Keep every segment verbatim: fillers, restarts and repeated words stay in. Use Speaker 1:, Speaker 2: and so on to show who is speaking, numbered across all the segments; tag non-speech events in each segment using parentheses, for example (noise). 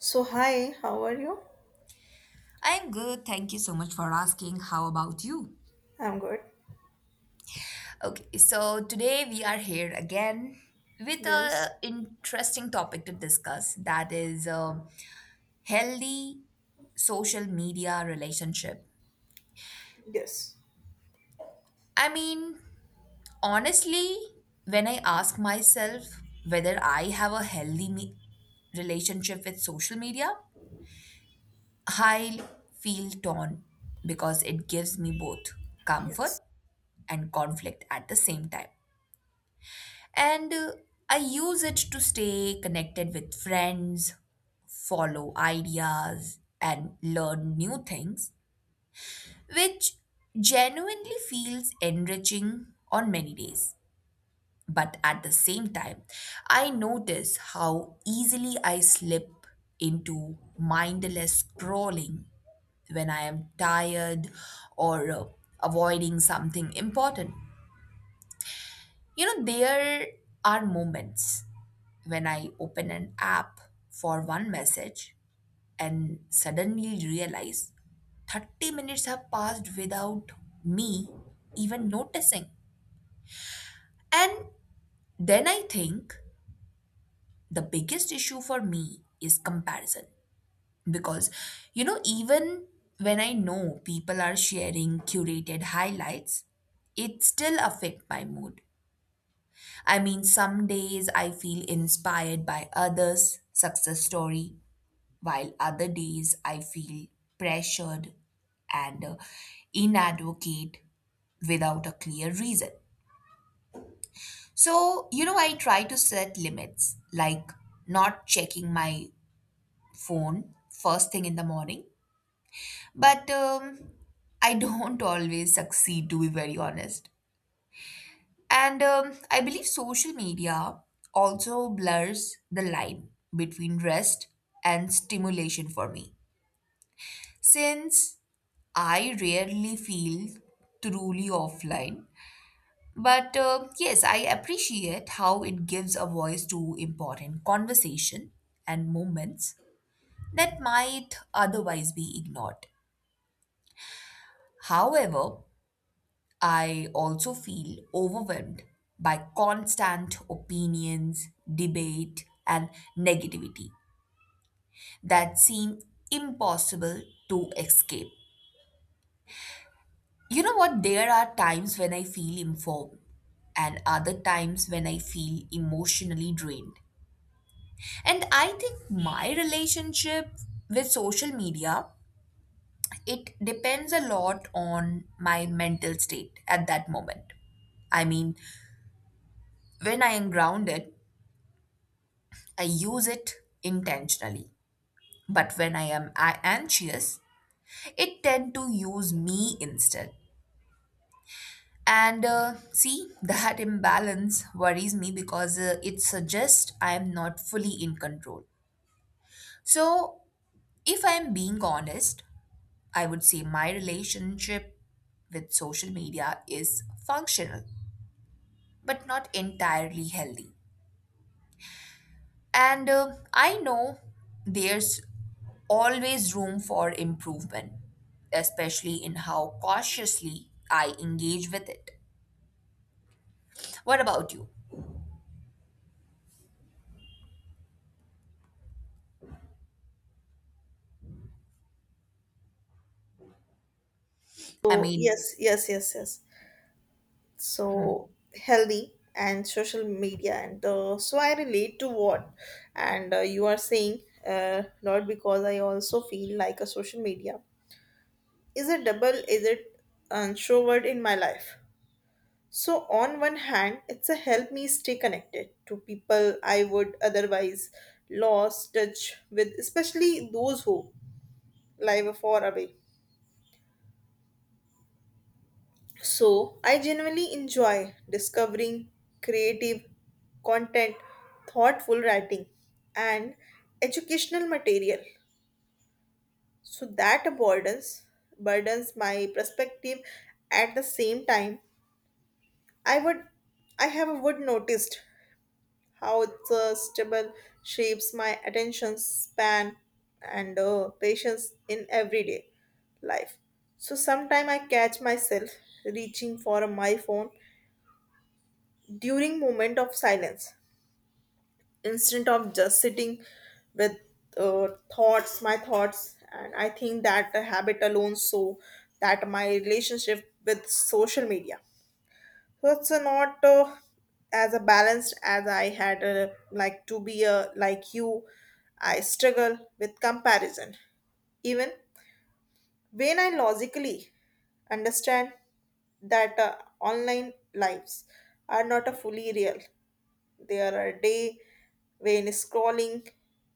Speaker 1: So, hi, how are you?
Speaker 2: I'm good. Thank you so much for asking. How about you?
Speaker 1: I'm good.
Speaker 2: Okay, so today we are here again with
Speaker 1: Yes,
Speaker 2: a interesting topic to discuss that is um healthy social media relationship.
Speaker 1: yes,
Speaker 2: I mean, honestly, when I ask myself whether I have a healthy me- relationship with social media, I feel torn because it gives me both
Speaker 1: yes.
Speaker 2: comfort and conflict at the same time. And uh, I use it to stay connected with friends, follow ideas, and learn new things, which genuinely feels enriching on many days. But at the same time, I notice how easily I slip into mindless scrolling when I am tired or uh, avoiding something important. You know, there are moments when I open an app for one message and suddenly realize thirty minutes have passed without me even noticing. And then I think the biggest issue for me is comparison. Because, you know, even when I know people are sharing curated highlights, it still affect my mood. I mean, some days I feel inspired by others' success story, while other days I feel pressured and uh, inadvocate without a clear reason. So, you know, I try to set limits, like not checking my phone first thing in the morning. But um, I don't (laughs) always succeed, to be very honest. And um, I believe social media also blurs the line between rest and stimulation for me. Since I rarely feel truly offline, but uh, yes, I appreciate how it gives a voice to important conversation and moments that might otherwise be ignored. However, I also feel overwhelmed by constant opinions, debate, and negativity that seem impossible to escape. You know what? There are times when I feel informed, and other times when I feel emotionally drained. And I think my relationship with social media it depends a lot on my mental state at that moment. I mean, when I am grounded, I use it intentionally. But when I am a- anxious, it tend to use me instead. And uh, see, that imbalance worries me because uh, it suggests I am not fully in control. So, if I am being honest, I would say my relationship with social media is functional, but not entirely healthy. And uh, I know there's always room for improvement, especially in how cautiously I engage with it. What about you? I
Speaker 1: So,
Speaker 2: mean,
Speaker 1: yes, yes, yes, yes. So, healthy and social media, and uh, so I relate to what and uh, you are saying, uh, not because I also feel like a social media is a double, is it introvert in my life. So, on one hand, it's a help me stay connected to people I would otherwise lost touch with, especially those who live far away. So I genuinely enjoy discovering creative content, thoughtful writing, and educational material. So that burdens burdens my perspective at the same time. I would I have would noticed how it's uh, stable shapes my attention span and uh, patience in everyday life. So sometime I catch myself reaching for my phone during moment of silence instead of just sitting with uh, thoughts my thoughts. And I think that the habit alone, so that my relationship with social media, so it's uh, not uh, as a balanced as I had uh, like to be, uh, like you. I struggle with comparison. Even when I logically understand that uh, online lives are not a fully real, there are a day when scrolling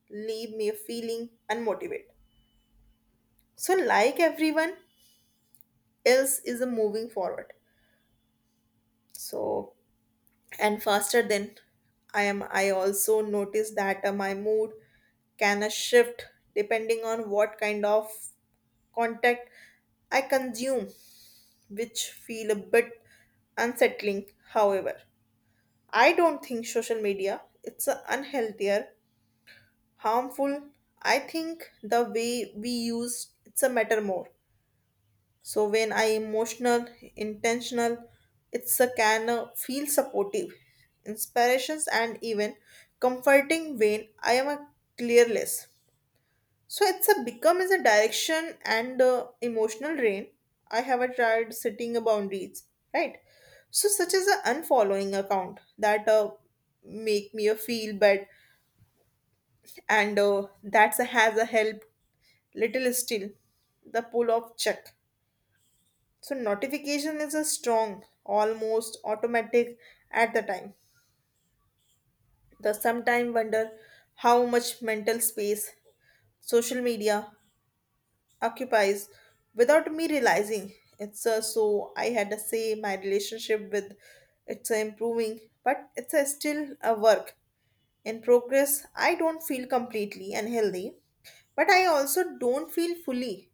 Speaker 1: leave me feeling unmotivated. So like everyone else is uh, moving forward. So and faster than I am. I also notice that uh, my mood can uh, shift depending on what kind of content I consume, which feel a bit unsettling. However, I don't think social media it's a unhealthier harmful. I think the way we use it's a matter more. So when I emotional, intentional, it's a can uh, feel supportive, inspirations and even comforting when I am a clearless. So it's a become as a direction and uh, emotional rain. I have a tried setting a boundaries, right? So such as a unfollowing account that uh, make me a feel bad and uh, that's a, has a help little still the pull of check. So notification is a strong, almost automatic at the time. The sometime wonder how much mental space social media occupies without me realizing. It's a, so I had to say my relationship with it's a improving, but it's a still a work in progress. I don't feel completely and healthy, but I also don't feel fully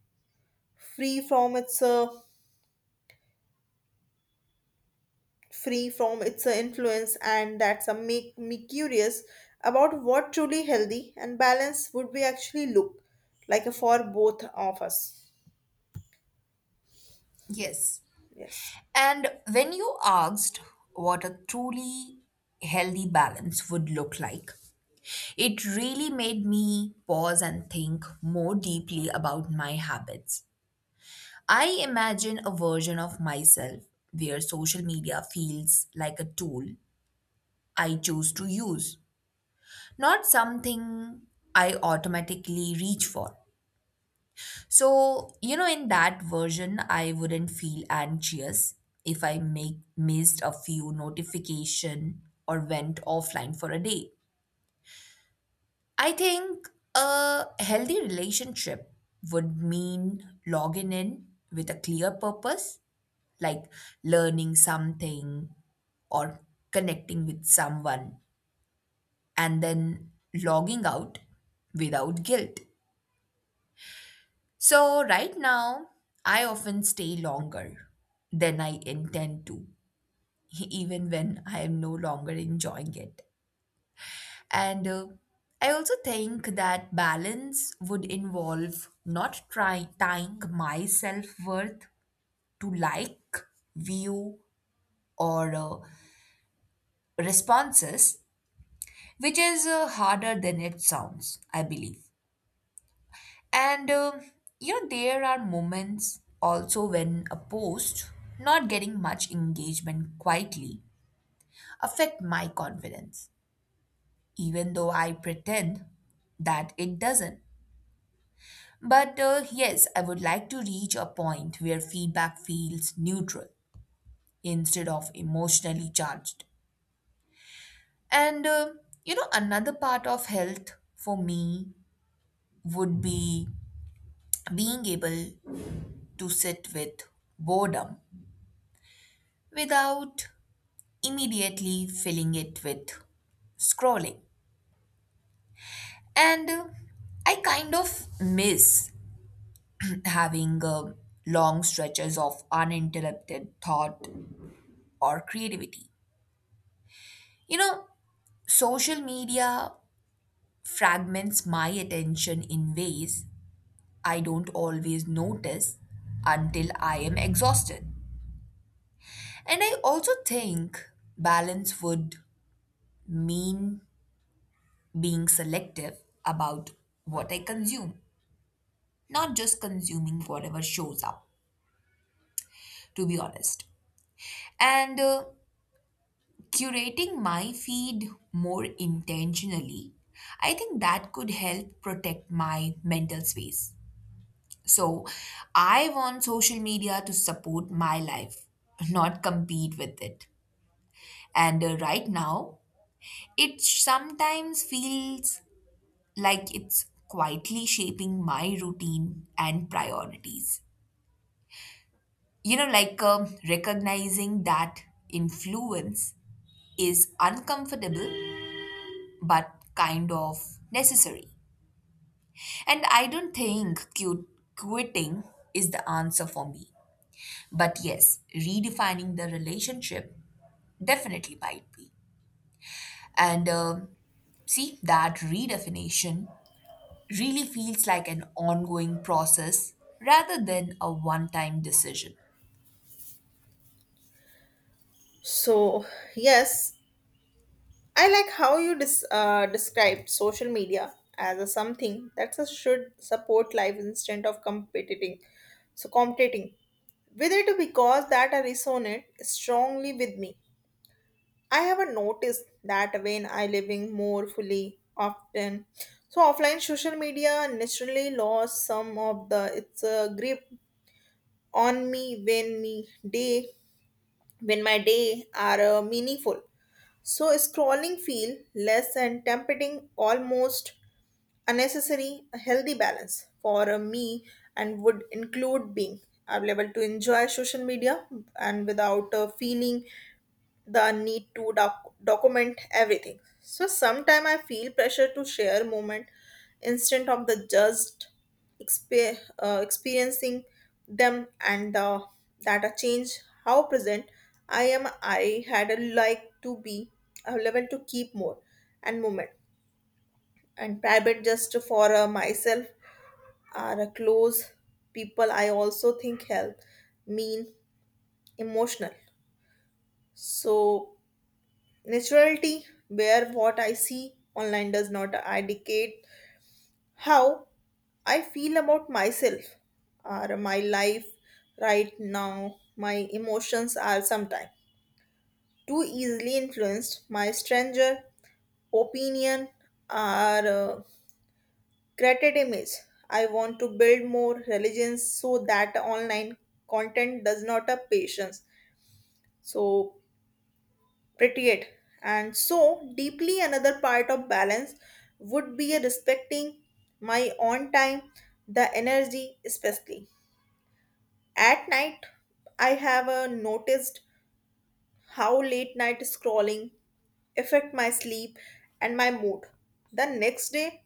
Speaker 1: free from its uh, free from its uh, influence. And that's a make me curious about what truly healthy and balanced would we actually look like for both of us.
Speaker 2: yes.
Speaker 1: Yes.
Speaker 2: And when you asked what a truly healthy balance would look like, it really made me pause and think more deeply about my habits. I imagine a version of myself where social media feels like a tool I choose to use, not something I automatically reach for. So, you know, in that version, I wouldn't feel anxious if I make missed a few notification or went offline for a day. I think a healthy relationship would mean logging in with a clear purpose, like learning something or connecting with someone, and then logging out without guilt. So, right now, I often stay longer than I intend to, (laughs) even when I am no longer enjoying it. And uh, I also think that balance would involve not trying tying my self worth to like, view, or uh, responses, which is uh, harder than it sounds, I believe. And um, you know, there are moments also when a post not getting much engagement quietly affect my confidence, even though I pretend that it doesn't. But uh, yes, I would like to reach a point where feedback feels neutral instead of emotionally charged. And uh, you know, another part of health for me would be being able to sit with boredom without immediately filling it with scrolling. And uh, I kind of miss (clears throat) having uh, long stretches of uninterrupted thought or creativity. You know, social media fragments my attention in ways I don't always notice until I am exhausted. And I also think balance would mean being selective about what I consume not just consuming whatever shows up, to be honest. And uh, curating my feed more intentionally, I think that could help protect my mental space. So I want social media to support my life, not compete with it. And uh, right now, it sometimes feels like it's quietly shaping my routine and priorities. You know like um, recognizing that influence is uncomfortable but kind of necessary, and I don't think cu- quitting is the answer for me, but yes, redefining the relationship definitely might be. And um, see that redefinition really feels like an ongoing process rather than a one time decision.
Speaker 1: So yes, I like how you dis- uh, described social media as a something that should support life instead of competing, so competing with it, because that I resonate strongly with me. I have noticed that when I living more fully often. So offline social media naturally lost some of the its uh, grip on me. When me day, when my day are uh, meaningful, so scrolling feel less and tempting almost unnecessary. A healthy balance for uh, me and would include being available to enjoy social media and without uh, feeling the need to doc- document everything. So sometime I feel pressure to share moment instant of the just expe- uh, experiencing them and the that a change how present I am. I had a like to be available to keep more and moment and private just for uh, myself are a close people. I also think help mean emotional. So naturality, where what I see online does not indicate how I feel about myself or my life right now. My emotions are sometimes too easily influenced. My stranger opinion or uh, created image. I want to build more religions so that online content does not have patience. So pretty. And so, deeply another part of balance would be respecting my own time, the energy, especially. At night, I have uh, noticed how late night scrolling affect my sleep and my mood. The next day,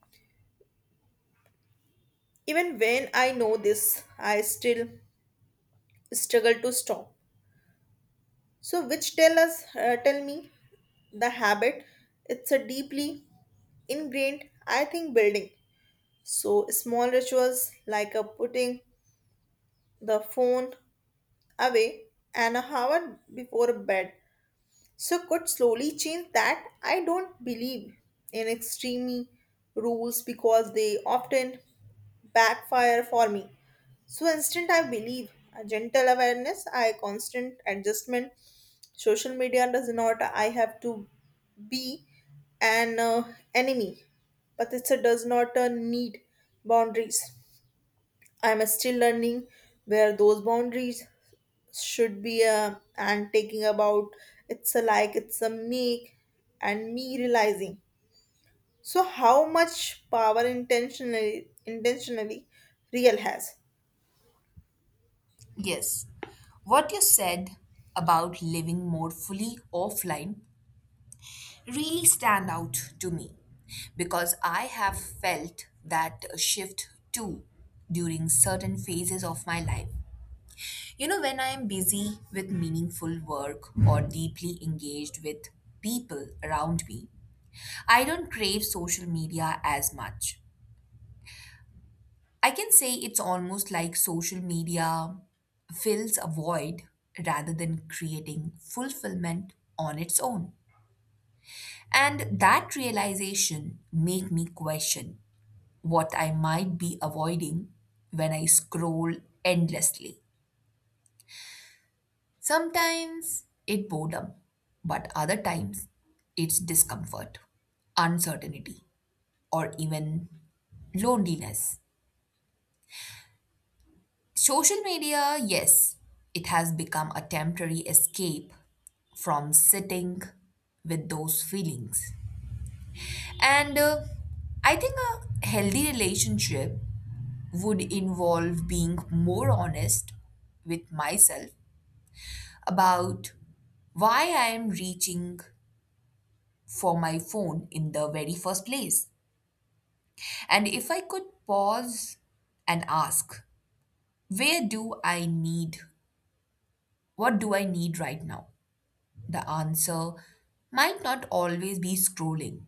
Speaker 1: even when I know this, I still struggle to stop. So, which tell us, uh, tell me, the habit. It's a deeply ingrained, I think, building. So, small rituals like a putting the phone away an hour before bed so could slowly change that. I don't believe in extreme rules because they often backfire for me. So, instead, I believe a gentle awareness, I constant adjustment. Social media does not, I have to be an uh, enemy, but it does not uh, need boundaries. I'm still learning where those boundaries should be, uh, and taking about it's a like it's a make and me realizing so how much power intentionally intentionally real has.
Speaker 2: Yes, what you said about living more fully offline really stand out to me because I have felt that shift too during certain phases of my life. You know, when I am busy with meaningful work or deeply engaged with people around me, I don't crave social media as much. I can say it's almost like social media fills a void rather than creating fulfillment on its own. And that realization made me question what I might be avoiding when I scroll endlessly. Sometimes it boredom, but other times it's discomfort, uncertainty, or even loneliness. Social media, yes, it has become a temporary escape from sitting with those feelings. And uh, I think a healthy relationship would involve being more honest with myself about why I am reaching for my phone in the very first place. And if I could pause and ask, where do I need, what do I need right now? The answer might not always be scrolling.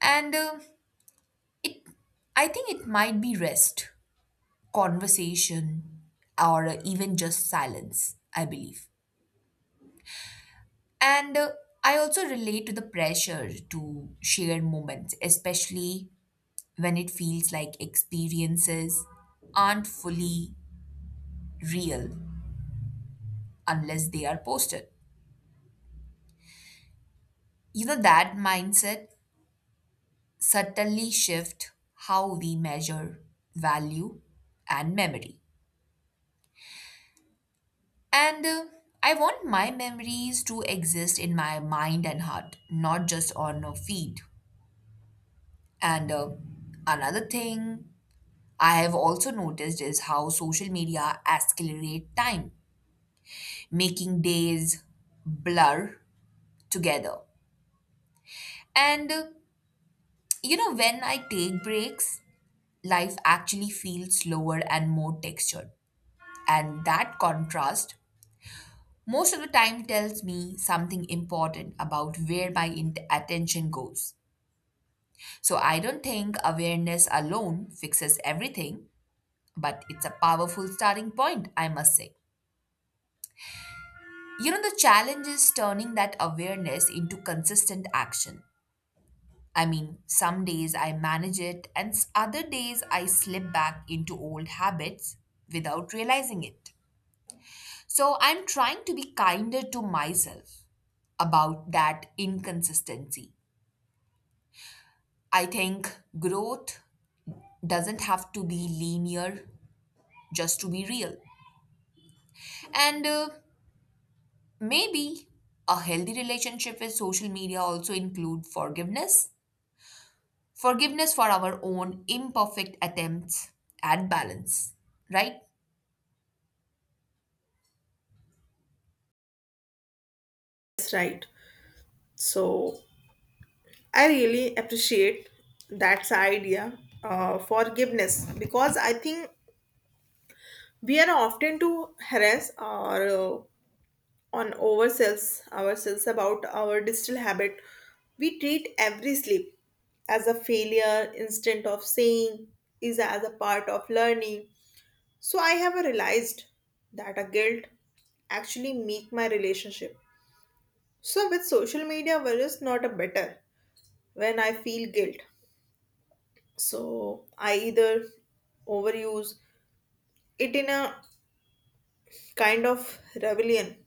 Speaker 2: And uh, it, I think it might be rest, conversation, or uh, even just silence, I believe. And uh, I also relate to the pressure to share moments, especially when it feels like experiences aren't fully real unless they are posted. You know, that mindset subtly shift how we measure value and memory. And uh, I want my memories to exist in my mind and heart, not just on a feed. And uh, another thing I have also noticed is how social media accelerate time, making days blur together. And uh, you know, when I take breaks, life actually feels slower and more textured. And that contrast most of the time tells me something important about where my in- attention goes. So I don't think awareness alone fixes everything, but it's a powerful starting point, I must say. You know, the challenge is turning that awareness into consistent action. I mean, some days I manage it, and s- other days I slip back into old habits without realizing it. So I'm trying to be kinder to myself about that inconsistency. I think growth doesn't have to be linear, just to be real. And uh, maybe a healthy relationship with social media also include forgiveness. Forgiveness for our own imperfect attempts at balance, right?
Speaker 1: That's right. So I really appreciate that's idea, uh, forgiveness, because I think we are often to harass or uh, on ourselves ourselves about our digital habit. We treat every sleep as a failure instead of saying is as a part of learning. So I have realized that a guilt actually make my relationship so with social media versus not a better. When I feel guilt, so I either overuse it in a kind of rebellion.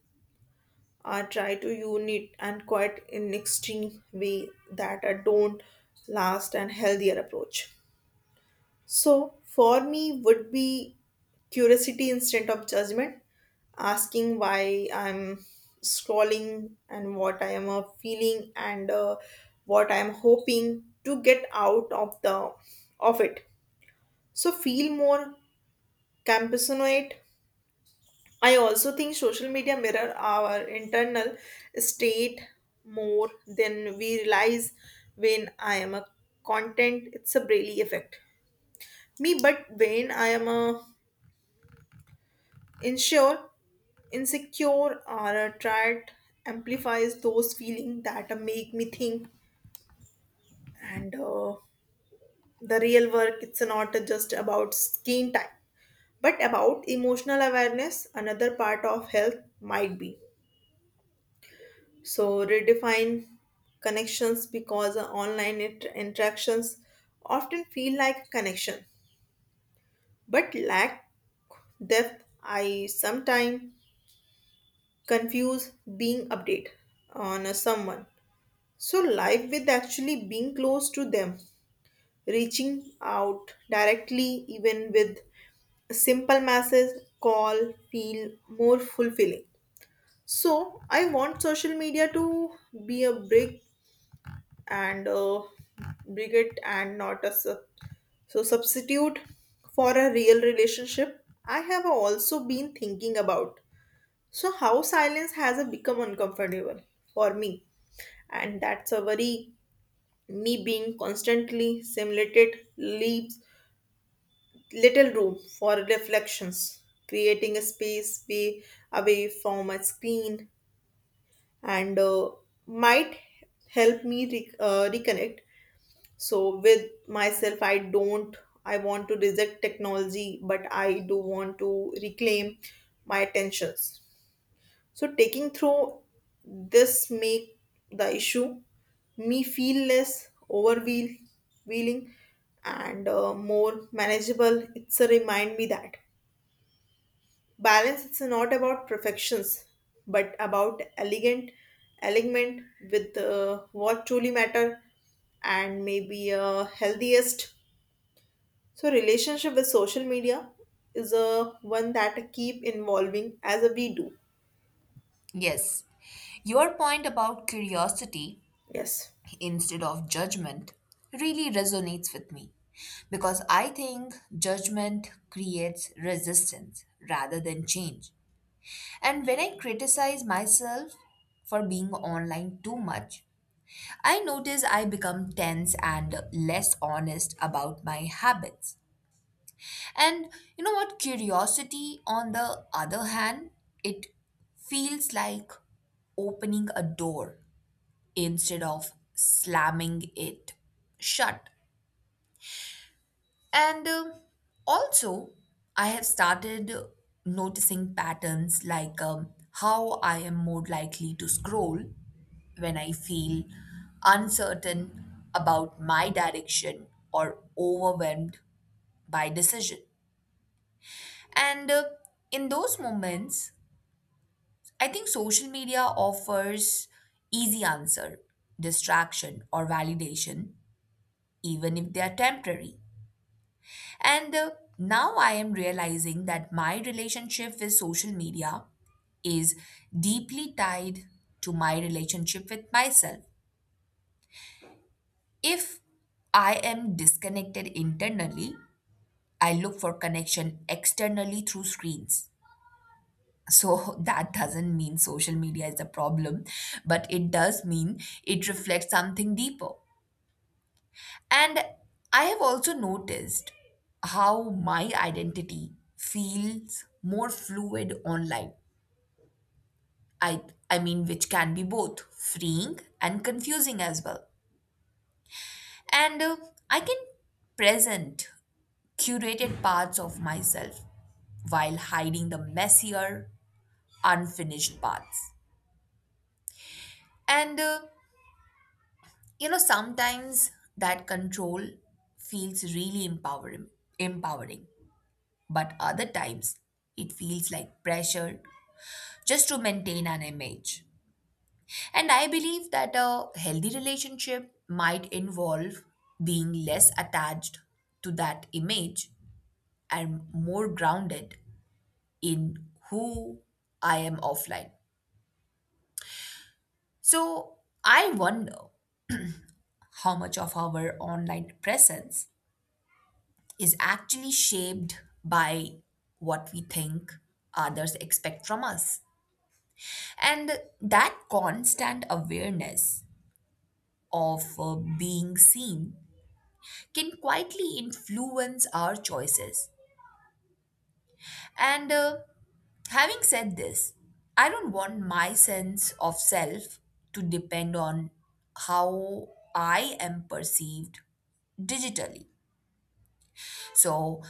Speaker 1: I try to own it and quite in extreme way that I don't last and healthier approach. So for me would be curiosity instead of judgment, asking why I'm scrolling and what I am uh, feeling and uh, what I am hoping to get out of the of it. So feel more compassionate. I also think social media mirror our internal state more than we realize. When I am a content it's a Braille effect. Me but when I am a insure insecure or a triad amplifies those feelings that make me think and uh, the real work it's not just about screen time but about emotional awareness. Another part of health might be so redefine connections, because online inter- interactions often feel like a connection but lack depth. I sometimes confuse being update on a someone so life with actually being close to them. Reaching out directly even with a simple message call feel more fulfilling. So I want social media to be a bridge and uh, bring and not a sub- so substitute for a real relationship. I have also been thinking about so how silence has become uncomfortable for me, and that's a very me being constantly simulated leaves little room for reflections. Creating a space way away from a screen and uh, might help me re- uh, reconnect so with myself. I don't, I want to reject technology, but I do want to reclaim my attentions. So taking through this make the issue me feel less overwheel- wheeling and uh, more manageable. It's a remind me that balance it's not about perfections, but about elegant alignment with uh, what truly matter. And maybe uh, healthiest so relationship with social media is a one that keep involving as we do.
Speaker 2: Yes. Your point about curiosity
Speaker 1: Yes.
Speaker 2: instead of judgment really resonates with me because I think judgment creates resistance rather than change. And when I criticize myself for being online too much, I notice I become tense and less honest about my habits. And you know what? Curiosity, on the other hand, it feels like opening a door instead of slamming it shut. And uh, also, I have started noticing patterns like um, how I am more likely to scroll when I feel uncertain about my direction or overwhelmed by decision. And uh, in those moments, I think social media offers easy answer, distraction or validation, even if they are temporary. And uh, now I am realizing that my relationship with social media is deeply tied to my relationship with myself. If I am disconnected internally, I look for connection externally through screens. So (laughs) that doesn't mean social media is the problem, but it does mean it reflects something deeper. And I have also noticed how my identity feels more fluid online. I I mean which can be both freeing and confusing as well. And uh, I can present curated parts of myself while hiding the messier, unfinished parts. And uh, you know, sometimes that control feels really empowering, empowering, but other times it feels like pressure just to maintain an image. And I believe that a healthy relationship might involve being less attached to that image and more grounded in who I am offline. So I wonder how much of our online presence is actually shaped by what we think others expect from us. And that constant awareness of uh, being seen can quietly influence our choices. And uh, having said this, I don't want my sense of self to depend on how I am perceived digitally. So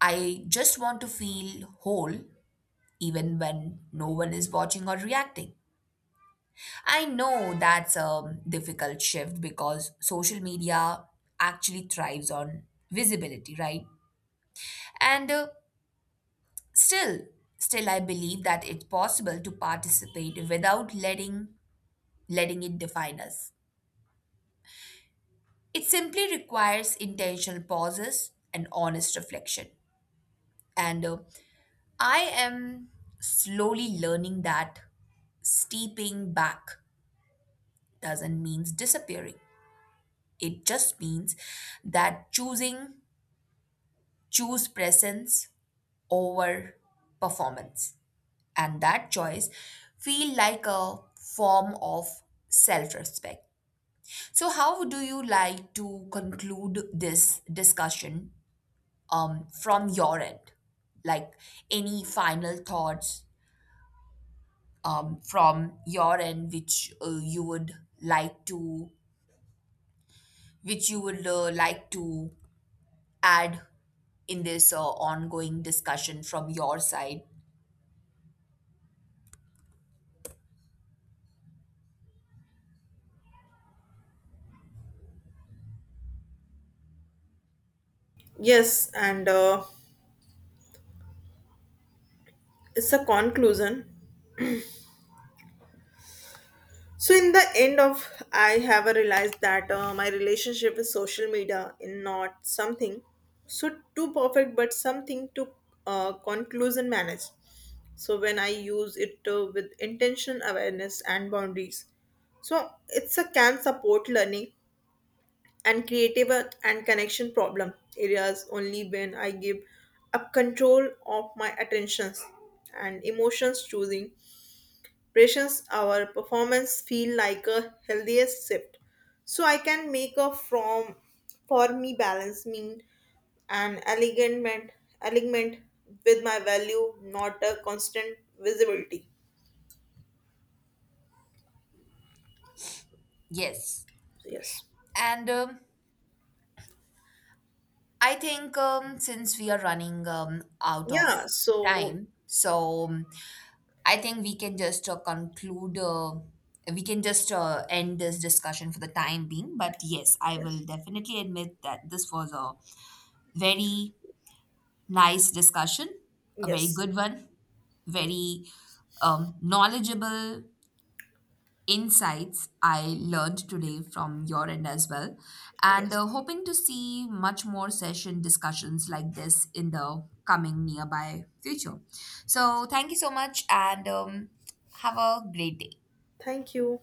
Speaker 2: I just want to feel whole even when no one is watching or reacting. I know that's a difficult shift because social media actually thrives on visibility, right? And uh, Still, still I believe that it's possible to participate without letting letting it define us. It simply requires intentional pauses and honest reflection. And uh, I am slowly learning that steeping back doesn't mean disappearing. It just means that choosing choose presence over performance. And that choice feel like a form of self-respect. So, how do you like to conclude this discussion um, from your end? Like any final thoughts um, from your end, which uh, you would like to, which you would uh, like to add in this uh, ongoing discussion from your side?
Speaker 1: Yes, and uh, it's a conclusion. So in the end of, I have realized that uh, my relationship with social media is not something so too perfect, but something to uh, conclusion manage. So when I use it uh, with intention, awareness, and boundaries, so it's a can support learning and creative uh, and connection problem areas only when I give up control of my attentions and emotions. Choosing patience our performance feel like a healthiest shift, so I can make a from for me balance mean an alignment alignment with my value not a constant visibility.
Speaker 2: Yes,
Speaker 1: Yes.
Speaker 2: and um, I think um, since we are running um, out of
Speaker 1: Yeah, so
Speaker 2: time, so um, I think we can just uh, conclude, uh, we can just uh, end this discussion for the time being. But yes, I
Speaker 1: yes,
Speaker 2: will definitely admit that this was a very nice discussion, a very
Speaker 1: yes,
Speaker 2: good one, very um, knowledgeable insights I learned today from your end as well. And
Speaker 1: yes,
Speaker 2: uh, hoping to see much more session discussions like this in the coming nearby future. So, thank you so much and um, have a great day.
Speaker 1: thank you.